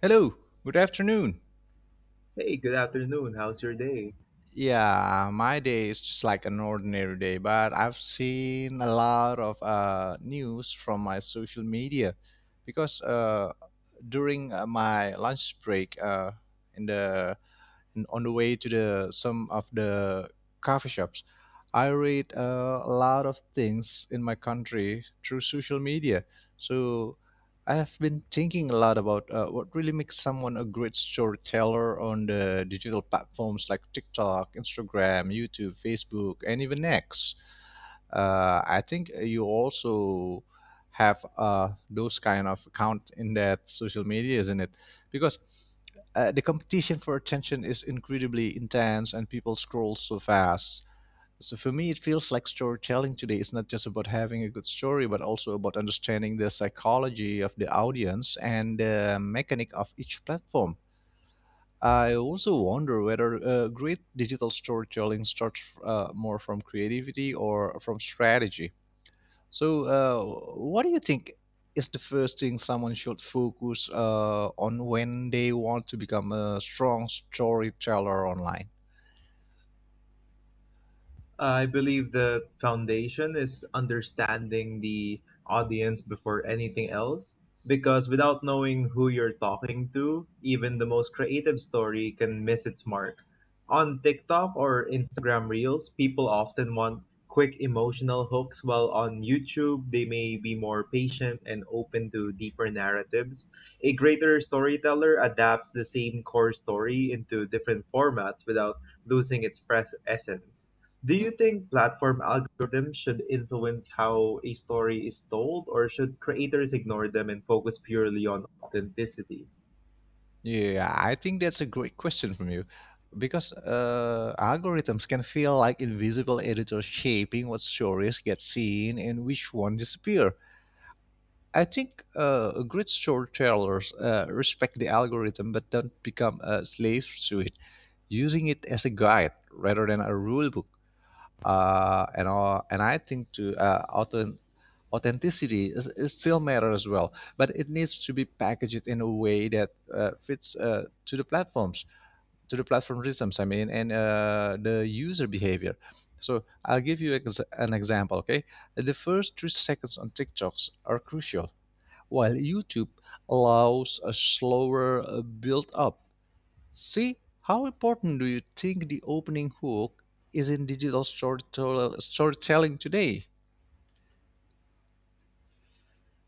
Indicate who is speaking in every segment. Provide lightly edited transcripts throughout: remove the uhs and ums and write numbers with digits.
Speaker 1: Hello, good afternoon.
Speaker 2: Hey, good afternoon. How's your day?
Speaker 1: Yeah, my day is just like an ordinary day, but I've seen a lot of news from my social media because during my lunch break, in the and on the way to the some of the coffee shops I read a lot of things in my country through social media, so I have been thinking a lot about what really makes someone a great storyteller on the digital platforms like TikTok, Instagram, YouTube, Facebook, and even X. I think you also have those kind of account in that social media, isn't it? Because the competition for attention is incredibly intense and people scroll so fast. So for me, it feels like storytelling today is not just about having a good story, but also about understanding the psychology of the audience and the mechanic of each platform. I also wonder whether great digital storytelling starts more from creativity or from strategy. So, what do you think is the first thing someone should focus on when they want to become a strong storyteller online?
Speaker 2: I believe the foundation is understanding the audience before anything else. Because without knowing who you're talking to, even the most creative story can miss its mark. On TikTok or Instagram Reels, people often want quick emotional hooks, while on YouTube, they may be more patient and open to deeper narratives. A greater storyteller adapts the same core story into different formats without losing its press essence. Do you think platform algorithms should influence how a story is told, or should creators ignore them and focus purely on authenticity?
Speaker 1: Yeah, I think that's a great question from you, because algorithms can feel like invisible editors shaping what stories get seen and which one disappear. I think great storytellers respect the algorithm but don't become slaves to it, using it as a guide rather than a rule book. And I think to authenticity is still matter as well, but it needs to be packaged in a way that fits to the platforms, to the platform systems. I mean, and the user behavior. So I'll give you an example. Okay, the first 3 seconds on TikToks are crucial, while YouTube allows a slower build up. See, how important do you think the opening hook is in digital storytelling today?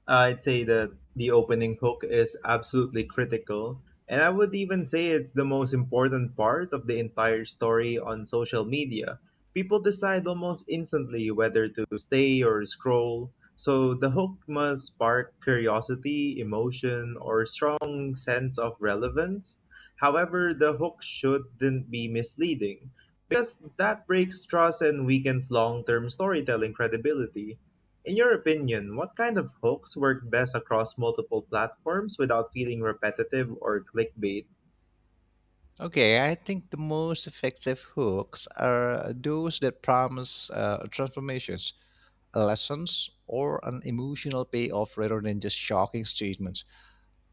Speaker 2: I'd say that the opening hook is absolutely critical, and I would even say it's the most important part of the entire story on social media. People decide almost instantly whether to stay or scroll, so the hook must spark curiosity, emotion, or strong sense of relevance. However, the hook shouldn't be misleading because that breaks trust and weakens long-term storytelling credibility. In your opinion, what kind of hooks work best across multiple platforms without feeling repetitive or clickbait?
Speaker 1: Okay, I think the most effective hooks are those that promise transformations, lessons, or an emotional payoff rather than just shocking statements.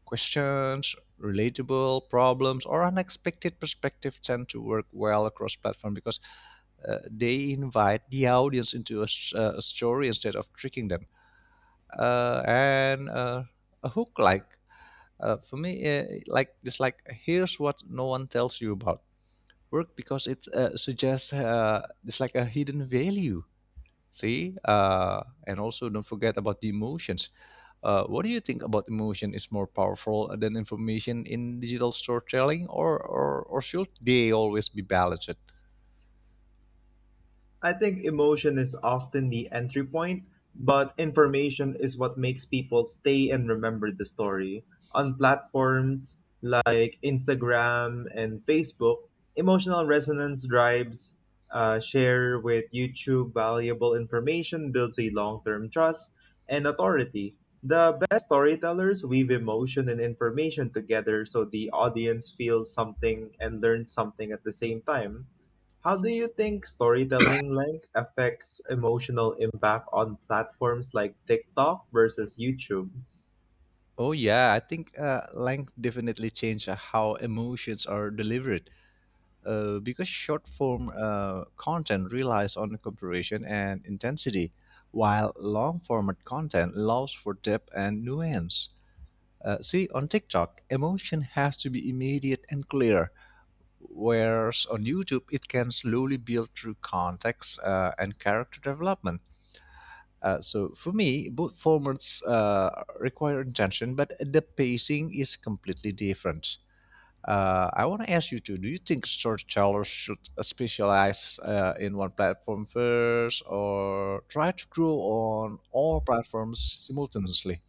Speaker 1: Questions, relatable problems, or unexpected perspective tend to work well across platform because they invite the audience into a story instead of tricking them. And A hook like like it's like, here's what no one tells you about work, because it suggests it's like a hidden value. See, and also don't forget about the emotions. What do you think about emotion is more powerful than information in digital storytelling, or should they always be balanced?
Speaker 2: I think emotion is often the entry point, but information is what makes people stay and remember the story. On platforms like Instagram and Facebook, emotional resonance drives share with YouTube valuable information, builds a long term trust and authority. The best storytellers weave emotion and information together so the audience feels something and learns something at the same time. How do you think storytelling length affects emotional impact on platforms like TikTok versus YouTube?
Speaker 1: Oh yeah, I think length definitely changes how emotions are delivered, because short form content relies on comparison and intensity, while long format content allows for depth and nuance. See, on TikTok, emotion has to be immediate and clear, whereas on YouTube, it can slowly build through context and character development. So for me, both formats require intention, but the pacing is completely different. I want to ask you too. Do you think storytellers should specialize in one platform first, or try to grow on all platforms simultaneously?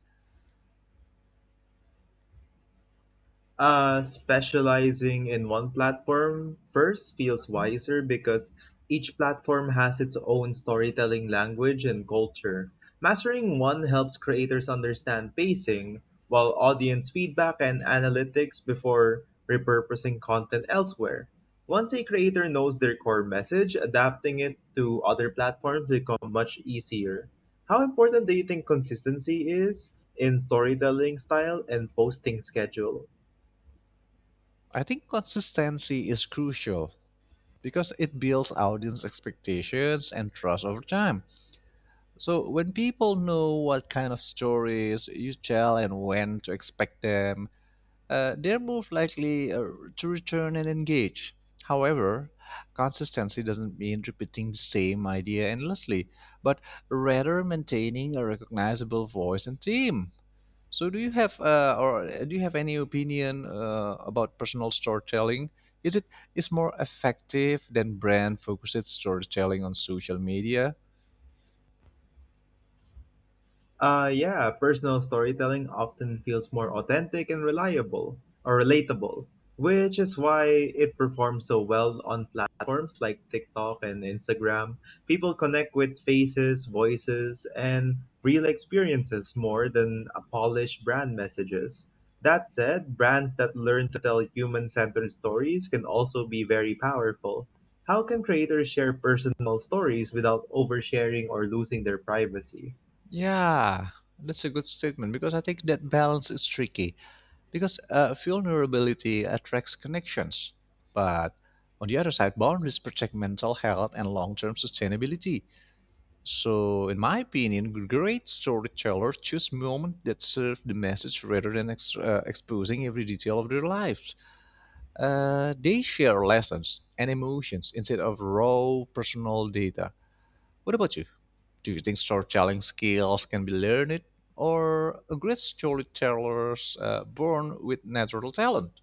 Speaker 2: Specializing in one platform first feels wiser because each platform has its own storytelling language and culture. Mastering one helps creators understand pacing, while audience feedback and analytics before repurposing content elsewhere. Once a creator knows their core message, adapting it to other platforms become much easier. How important do you think consistency is in storytelling style and posting schedule?
Speaker 1: I think consistency is crucial because it builds audience expectations and trust over time. So when people know what kind of stories you tell and when to expect them, they're more likely to return and engage. However, consistency doesn't mean repeating the same idea endlessly, but rather maintaining a recognizable voice and theme. So, do you have or do you have any opinion about personal storytelling? Is it is more effective than brand focused storytelling on social media?
Speaker 2: Yeah, personal storytelling often feels more authentic and reliable or relatable, which is why it performs so well on platforms like TikTok and Instagram. People connect with faces, voices, and real experiences more than a polished brand messages. That said, brands that learn to tell human centered stories can also be very powerful. How can creators share personal stories without oversharing or losing their privacy?
Speaker 1: Yeah, that's a good statement because I think that balance is tricky, because vulnerability attracts connections. But on the other side, boundaries protect mental health and long term sustainability. So, in my opinion, great storytellers choose moments that serve the message rather than exposing every detail of their lives. They share lessons and emotions instead of raw personal data. What about you? Do you think storytelling skills can be learned, or a great storytellers born with natural talent?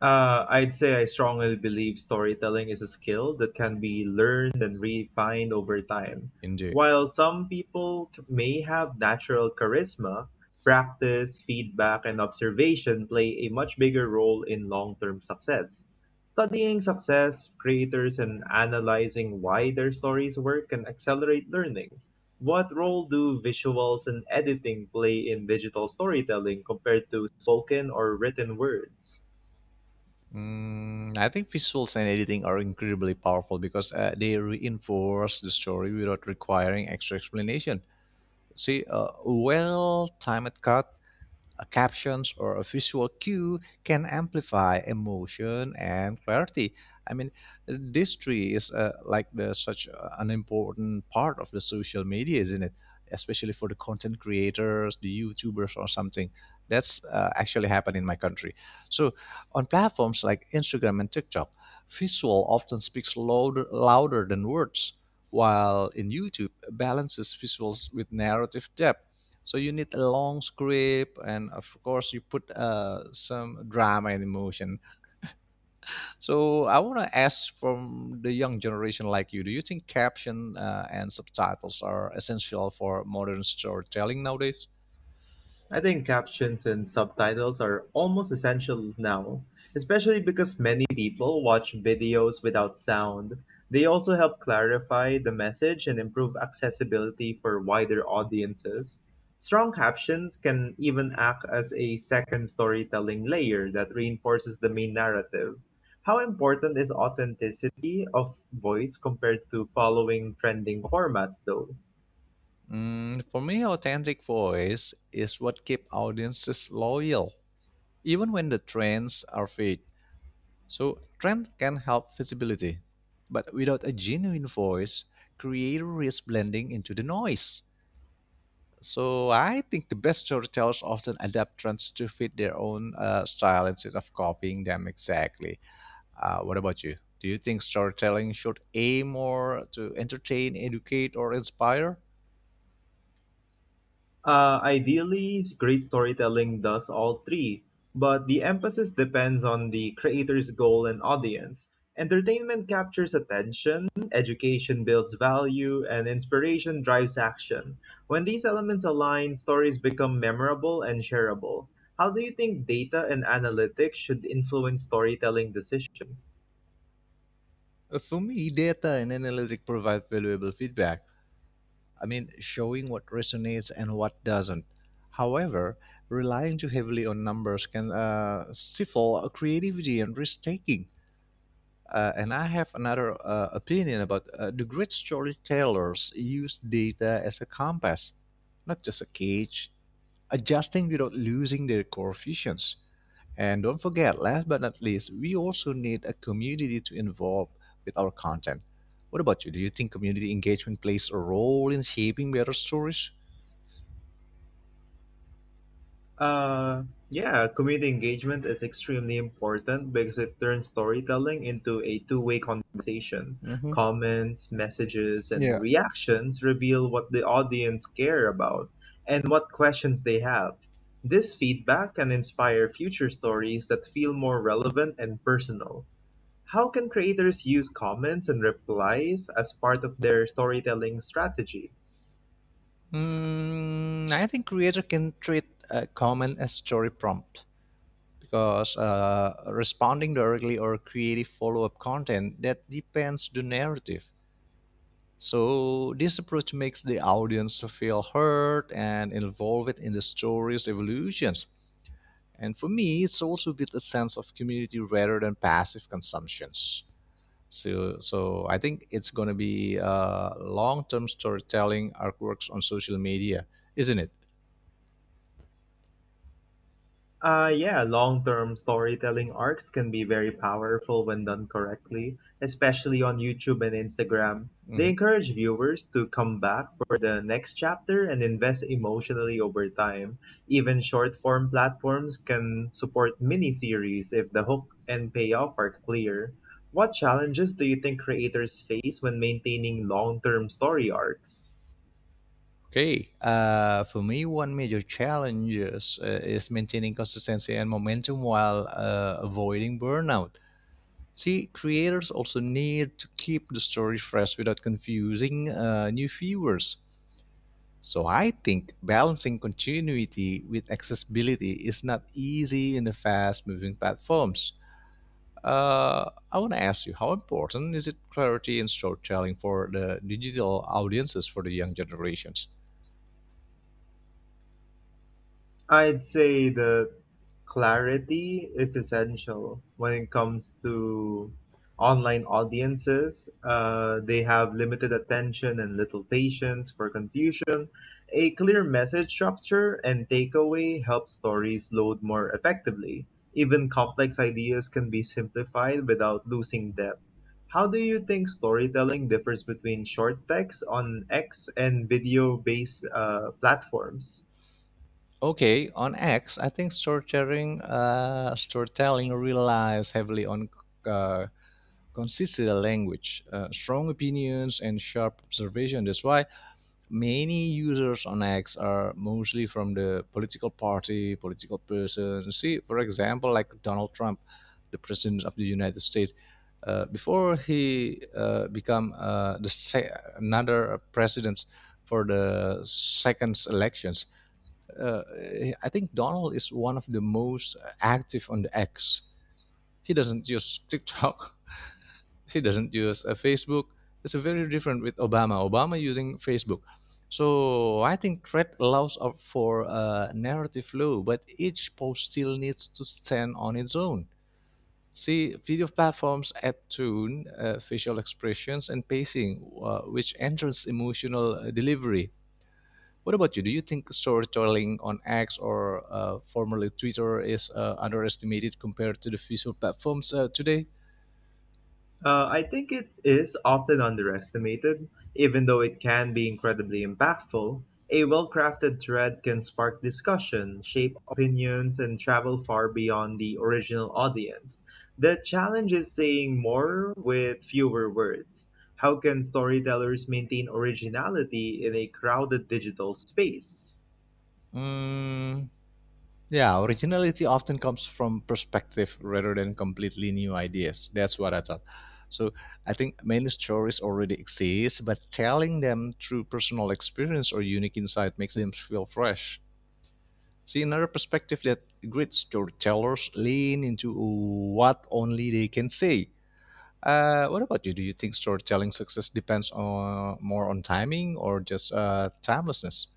Speaker 2: I'd say I strongly believe storytelling is a skill that can be learned and refined over time.
Speaker 1: Indeed.
Speaker 2: While some people may have natural charisma, practice, feedback, and observation play a much bigger role in long term success. Studying success, creators, and analyzing why their stories work can accelerate learning. What role do visuals and editing play in digital storytelling compared to spoken or written words?
Speaker 1: Mm, I think visuals and editing are incredibly powerful because they reinforce the story without requiring extra explanation. See, a well timed cut, a captions or a visual cue can amplify emotion and clarity. I mean, this tree is like the, such an important part of the social media, isn't it? Especially for the content creators, the YouTubers, or something. That's actually happened in my country. So, on platforms like Instagram and TikTok, visual often speaks louder than words, while in YouTube, balances visuals with narrative depth, so you need a long script, and of course you put some drama and emotion. So I want to ask from the young generation like you, do you think caption and subtitles are essential for modern storytelling nowadays?
Speaker 2: I think captions and subtitles are almost essential now, especially because many people watch videos without sound. They also help clarify the message and improve accessibility for wider audiences. Strong captions can even act as a second storytelling layer that reinforces the main narrative. How important is authenticity of voice compared to following trending formats, though?
Speaker 1: Mm, for me, authentic voice is what keeps audiences loyal, even when the trends are fake. So trend can help visibility, but without a genuine voice, creator risk blending into the noise. So I think the best storytellers often adapt trends to fit their own style instead of copying them exactly. What about you? Do you think storytelling should aim more to entertain, educate, or inspire?
Speaker 2: Ideally, great storytelling does all three, but the emphasis depends on the creator's goal and audience. Entertainment captures attention, education builds value, and inspiration drives action. When these elements align, stories become memorable and shareable. How do you think data and analytics should influence storytelling decisions?
Speaker 1: For me, data and analytics provide valuable feedback, I mean, showing what resonates and what doesn't. However, relying too heavily on numbers can stifle creativity and risk taking. And I have another opinion about the great storytellers use data as a compass, not just a cage, adjusting without losing their core visions. And don't forget, last but not least, we also need a community to involve with our content. What about you? Do you think community engagement plays a role in shaping better stories?
Speaker 2: Uh, yeah, community engagement is extremely important because it turns storytelling into a two-way conversation.
Speaker 1: Mm-hmm.
Speaker 2: Comments, messages,
Speaker 1: Yeah.
Speaker 2: and reactions reveal what the audience care about and what questions they have. This feedback can inspire future stories that feel more relevant and personal. How can creators use comments and replies as part of their storytelling strategy?
Speaker 1: Mm, I think creator can treat a comment as story prompt, because responding directly or creative follow-up content that depends the narrative. So this approach makes the audience feel heard and involved in the story's evolutions. And for me, it's also a bit a sense of community rather than passive consumptions. So I think it's going to be long-term storytelling artworks on social media, isn't it?
Speaker 2: Yeah, long term storytelling arcs can be very powerful when done correctly, especially on YouTube and Instagram. They
Speaker 1: Mhm.
Speaker 2: encourage viewers to come back for the next chapter and invest emotionally over time. Even short form platforms can support mini series if the hook and payoff are clear. What challenges do you think creators face when maintaining long term story arcs?
Speaker 1: Okay. For me, one major challenge is maintaining consistency and momentum while avoiding burnout. See, creators also need to keep the story fresh without confusing new viewers. So I think balancing continuity with accessibility is not easy in the fast-moving platforms. I want to ask you, how important is it clarity in storytelling for the digital audiences for the young generations?
Speaker 2: I'd say that clarity is essential when it comes to online audiences. They have limited attention and little patience for confusion. A clear message structure and takeaway help stories load more effectively. Even complex ideas can be simplified without losing depth. How do you think storytelling differs between short text on X and video based platforms?
Speaker 1: Okay, on X, I think storytelling relies heavily on uh, consistent language, strong opinions, and sharp observation. That's why many users on X are mostly from the political party, political person. See, for example, like Donald Trump, the president of the United States, before he become another president for the second elections, uh, I think Donald is one of the most active on the X. He doesn't use TikTok. She doesn't use a Facebook. It's a very different with Obama. Obama using Facebook. So I think thread allows up for a narrative flow, but each post still needs to stand on its own. See, video platforms add tone, facial expressions, and pacing, which enters emotional delivery. What about you? Do you think storytelling on X or formerly Twitter is underestimated compared to the visual platforms today?
Speaker 2: I think it is often underestimated, even though it can be incredibly impactful. A well crafted thread can spark discussion, shape opinions, and travel far beyond the original audience. The challenge is saying more with fewer words. How can storytellers maintain originality in a crowded digital space?
Speaker 1: Mm, yeah, originality often comes from perspective rather than completely new ideas. That's what I thought. So I think many stories already exist, but telling them through personal experience or unique insight makes them feel fresh. See another perspective that great storytellers lean into what only they can say. What about you? Do you think storytelling success depends on more on timing or just timelessness?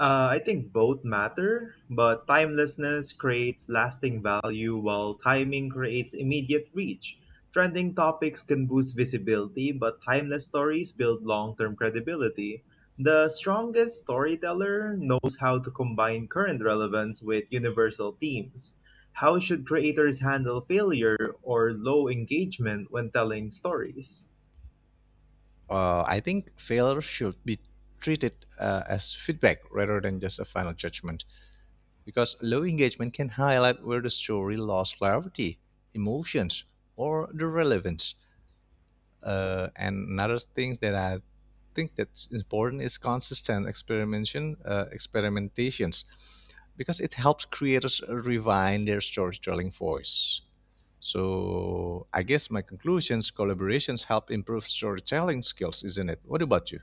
Speaker 2: I think both matter, but timelessness creates lasting value while timing creates immediate reach. Trending topics can boost visibility, but timeless stories build long term credibility. The strongest storyteller knows how to combine current relevance with universal themes. How should creators handle failure or low engagement when telling stories?
Speaker 1: I think failure should be treated as feedback rather than just a final judgment, because low engagement can highlight where the story lost clarity, emotions, or the relevance. And another thing that I think that's important is consistent experimentations, because it helps creators refine their storytelling voice. So I guess my conclusions, collaborations help improve storytelling skills, isn't it? What about you?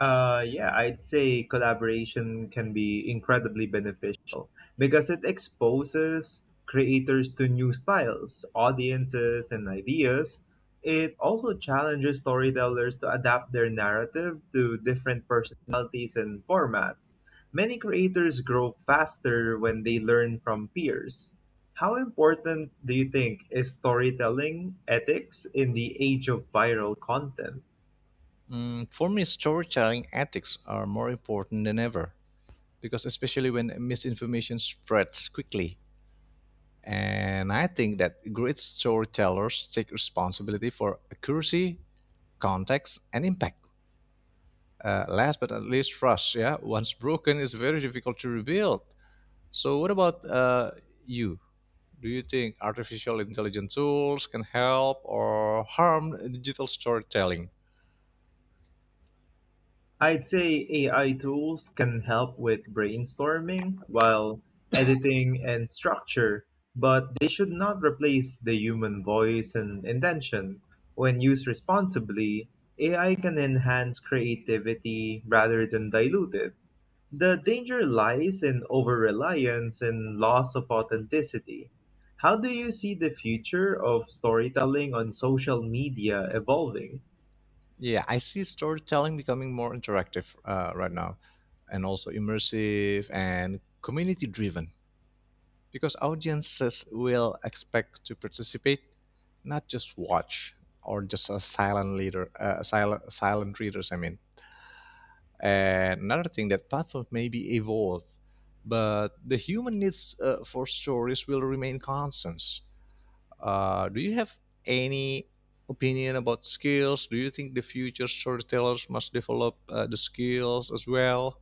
Speaker 2: Yeah, I'd say collaboration can be incredibly beneficial because it exposes creators to new styles, audiences, and ideas. It also challenges storytellers to adapt their narrative to different personalities and formats. Many creators grow faster when they learn from peers. How important do you think is storytelling ethics in the age of viral content?
Speaker 1: Mm, for me, storytelling ethics are more important than ever, because, especially when misinformation spreads quickly. And I think that great storytellers take responsibility for accuracy, context, and impact. Last but not least, trust. Yeah, once broken, is very difficult to rebuild. So, what about you? Do you think artificial intelligence tools can help or harm digital storytelling?
Speaker 2: I'd say AI tools can help with brainstorming while editing and structure, but they should not replace the human voice and intention. When used responsibly, AI can enhance creativity rather than dilute it. The danger lies in over reliance and loss of authenticity. How do you see the future of storytelling on social media evolving?
Speaker 1: Yeah, I see storytelling becoming more interactive right now, and also immersive and community driven, because audiences will expect to participate, not just watch or just a silent leader, silent readers, I mean. And another thing, that platform may be evolve, but the human needs for stories will remain constant. Do you have any opinion about skills? Do you think the future storytellers must develop the skills as well?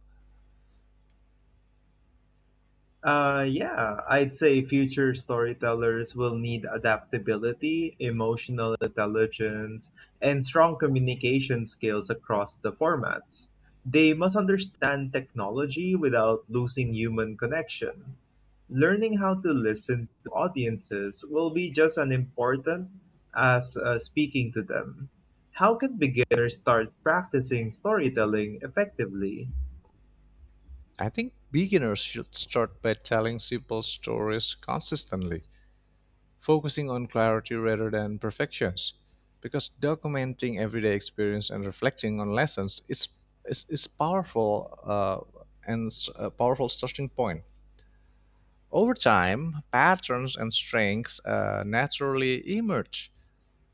Speaker 2: Yeah, I'd say future storytellers will need adaptability, emotional intelligence, and strong communication skills across the formats. They must understand technology without losing human connection. Learning how to listen to audiences will be just as important as speaking to them. How can beginners start practicing storytelling effectively?
Speaker 1: I think beginners should start by telling simple stories consistently, focusing on clarity rather than perfections, because documenting everyday experience and reflecting on lessons is powerful, and a powerful starting point. Over time, patterns and strengths naturally emerge.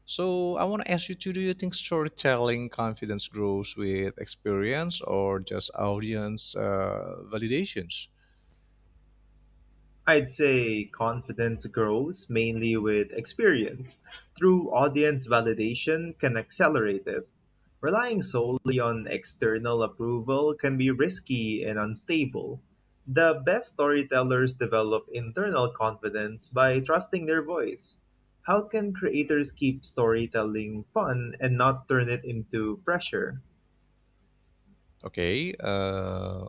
Speaker 1: So I want to ask you too, do you think storytelling confidence grows with experience or just audience validations?
Speaker 2: I'd say confidence grows mainly with experience, through audience validation can accelerate it. Relying solely on external approval can be risky and unstable. The best storytellers develop internal confidence by trusting their voice. How can creators keep storytelling fun and not turn it into pressure?
Speaker 1: Okay,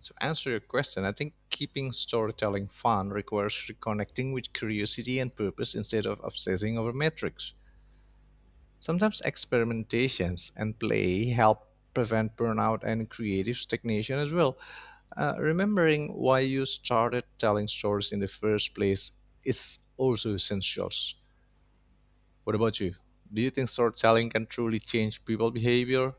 Speaker 1: to answer your question, I think keeping storytelling fun requires reconnecting with curiosity and purpose instead of obsessing over metrics. Sometimes experimentations and play help prevent burnout and creative stagnation as well. Remembering why you started telling stories in the first place is also essential. What about you? Do you think storytelling can truly change people's behavior?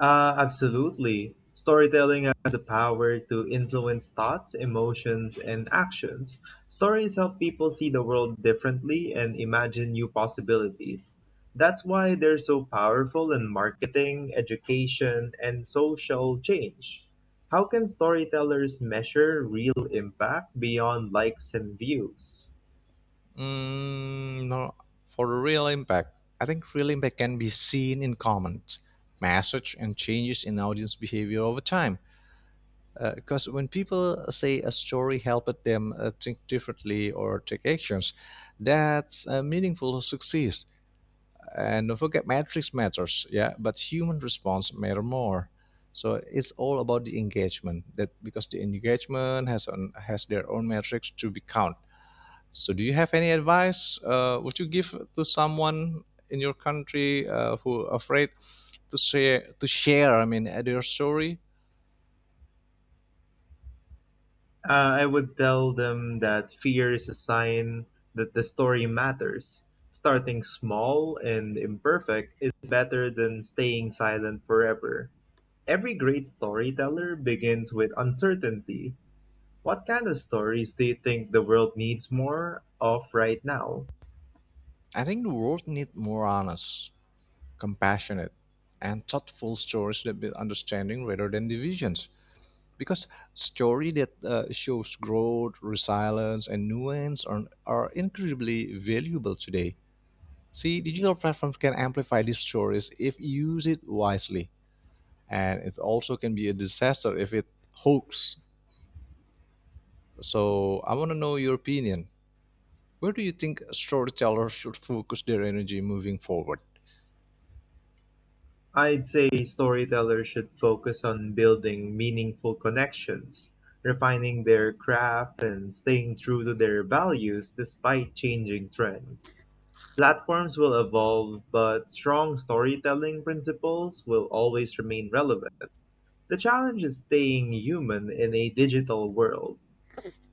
Speaker 2: Absolutely. Storytelling has the power to influence thoughts, emotions, and actions. Stories help people see the world differently and imagine new possibilities. That's why they're so powerful in marketing, education, and social change. How can storytellers measure real impact beyond likes and views?
Speaker 1: Mm, no, for the real impact, I think real impact can be seen in comments, message, and changes in audience behavior over time. Because when people say a story helped them think differently or take actions, that's meaningful success. And don't forget, metrics matters, yeah, but human response matter more. So it's all about the engagement, that because the engagement has on has their own metrics to be count. So do you have any advice, would you give to someone in your country who afraid to share, I mean, their story?
Speaker 2: I would tell them that fear is a sign that the story matters. Starting small and imperfect is better than staying silent forever. Every great storyteller begins with uncertainty. What kind of stories do you think the world needs more of right now?
Speaker 1: I think the world needs more honest, compassionate, and thoughtful stories that build understanding rather than divisions. Because stories that shows growth, resilience, and nuance are incredibly valuable today. See, digital platforms can amplify these stories if used it wisely, and it also can be a disaster if it hoax. So I want to know your opinion. Where do you think storytellers should focus their energy moving forward?
Speaker 2: I'd say storytellers should focus on building meaningful connections, refining their craft, and staying true to their values despite changing trends. Platforms will evolve, but strong storytelling principles will always remain relevant. The challenge is staying human in a digital world.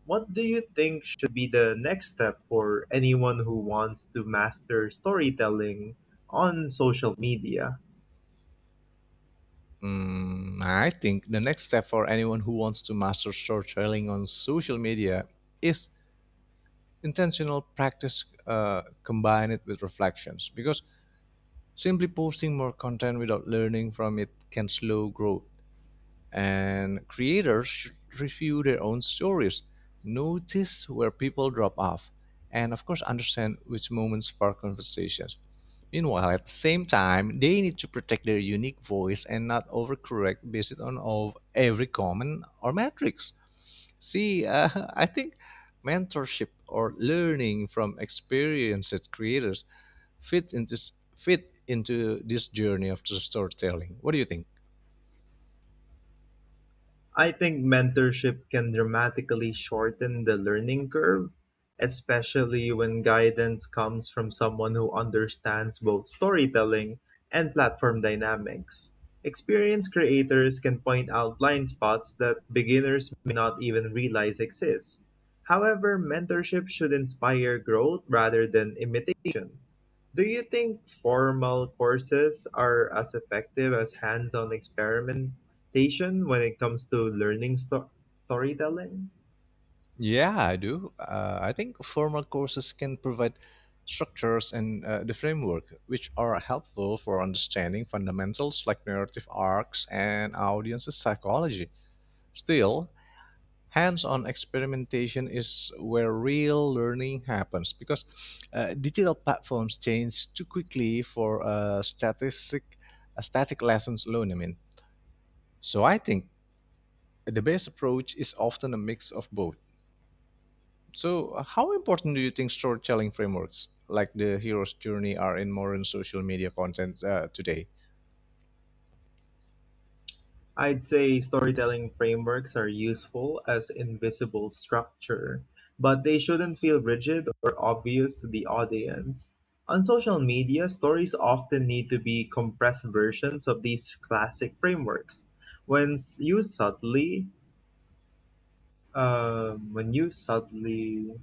Speaker 2: What do you think should be the next step for anyone who wants to master storytelling on social media?
Speaker 1: Mm, I think the next step for anyone who wants to master storytelling on social media is intentional practice, combine it with reflections, because simply posting more content without learning from it can slow growth, and creators should review their own stories, notice where people drop off, and of course understand which moments spark conversations. Meanwhile, at the same time, they need to protect their unique voice and not overcorrect based on of every comment or metrics. See, I think mentorship or learning from experienced creators fit into fit into this journey of the storytelling? What do you think?
Speaker 2: I think mentorship can dramatically shorten the learning curve, especially when guidance comes from someone who understands both storytelling and platform dynamics. Experienced creators can point out blind spots that beginners may not even realize exist. However, mentorship should inspire growth rather than imitation. Do you think formal courses are as effective as hands on experiment? Expectation when it comes to learning storytelling.
Speaker 1: Yeah, I do. I think formal courses can provide structures and the framework, which are helpful for understanding fundamentals like narrative arcs and audience psychology. Still, hands-on experimentation is where real learning happens, because digital platforms change too quickly for statistic static lessons alone, I mean. So I think the best approach is often a mix of both. So, how important do you think storytelling frameworks like the hero's journey are in modern social media content today?
Speaker 2: I'd say storytelling frameworks are useful as invisible structure, but they shouldn't feel rigid or obvious to the audience. On social media, stories often need to be compressed versions of these classic frameworks. When s- used subtly, when used subtly,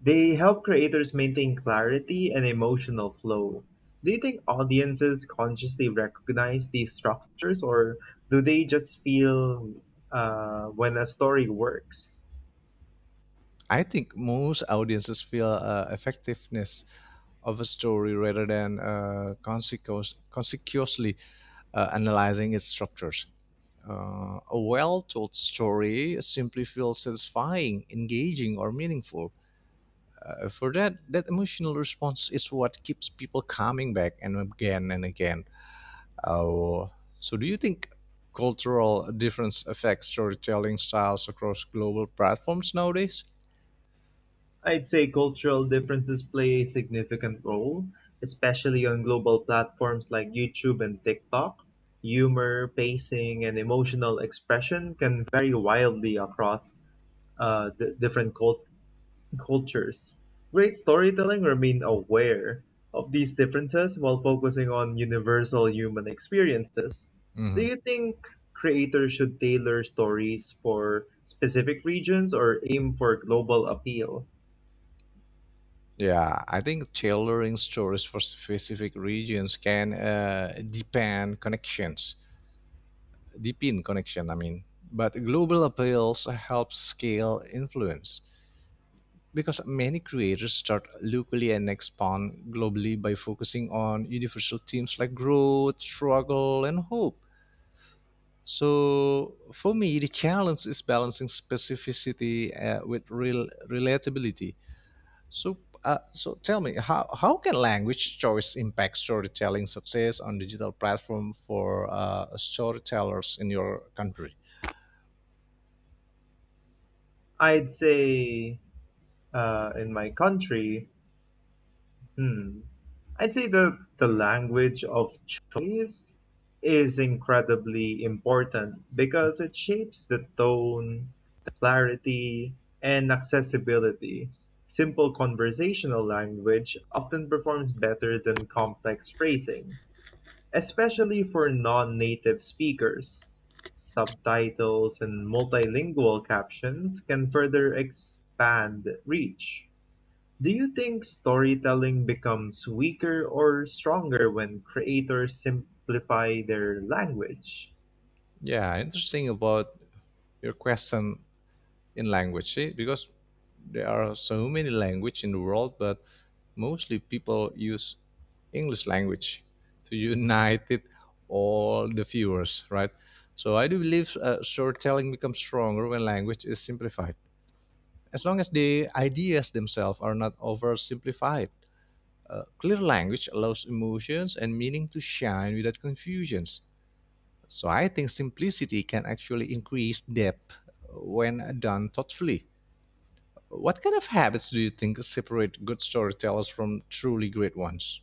Speaker 2: they help creators maintain clarity and emotional flow. Do you think audiences consciously recognize these structures, or do they just feel when a story works?
Speaker 1: I think most audiences feel effectiveness of a story rather than consequently analyzing its structures. A well told story simply feels satisfying, engaging, or meaningful. For that, that emotional response is what keeps people coming back and again and again. Oh, so, do you think cultural difference affects storytelling styles across global platforms nowadays?
Speaker 2: I'd say cultural differences play a significant role, especially on global platforms like YouTube and TikTok. Humor, pacing, and emotional expression can vary wildly across different cultures. Great storytelling remained aware of these differences while focusing on universal human experiences. Do
Speaker 1: Mhm.
Speaker 2: you think creators should tailor stories for specific regions or aim for global appeal?
Speaker 1: Yeah, I think tailoring stories for specific regions can deepen connection, I mean, but global appeals help scale influence, because many creators start locally and expand globally by focusing on universal themes like growth, struggle, and hope. So for me, the challenge is balancing specificity with real relatability. So, tell me, how can language choice impact storytelling success on digital platform for storytellers in your country?
Speaker 2: I'd say, in my country, hmm, I'd say the language of choice is incredibly important because it shapes the tone, the clarity, and accessibility. Simple conversational language often performs better than complex phrasing, especially for non native speakers. Subtitles and multilingual captions can further expand reach. Do you think storytelling becomes weaker or stronger when creators simplify their language?
Speaker 1: Yeah, interesting about your question. In language, see, because there are so many language in the world, but mostly people use english language to unite it all the viewers, right? So I do believe storytelling becomes stronger when language is simplified, as long as the ideas themselves are not oversimplified. Clear language allows emotions and meaning to shine without confusions. So I think simplicity can actually increase depth when done thoughtfully. What kind of habits do you think separate good storytellers from truly great ones?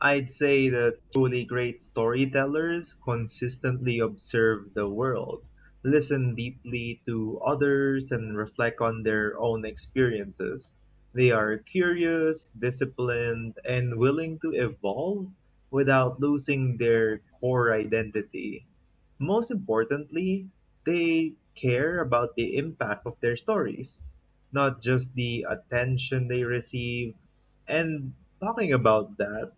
Speaker 2: I'd say that truly great storytellers consistently observe the world, listen deeply to others, and reflect on their own experiences. They are curious, disciplined, and willing to evolve without losing their core identity. Most importantly, they care about the impact of their stories, not just the attention they receive. And talking about that,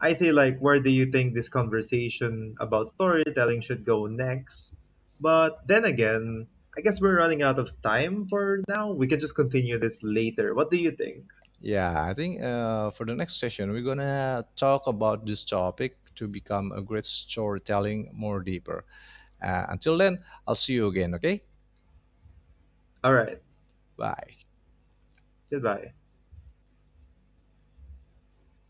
Speaker 2: I say, like, where do you think this conversation about storytelling should go next? But then again, I guess we're running out of time for now. We can just continue this later. What do you think?
Speaker 1: Yeah, I think for the next session, we're going to talk about this topic to become a great storytelling more deeper. Until then, I'll see you again, okay?
Speaker 2: All right.
Speaker 1: Bye.
Speaker 2: Goodbye.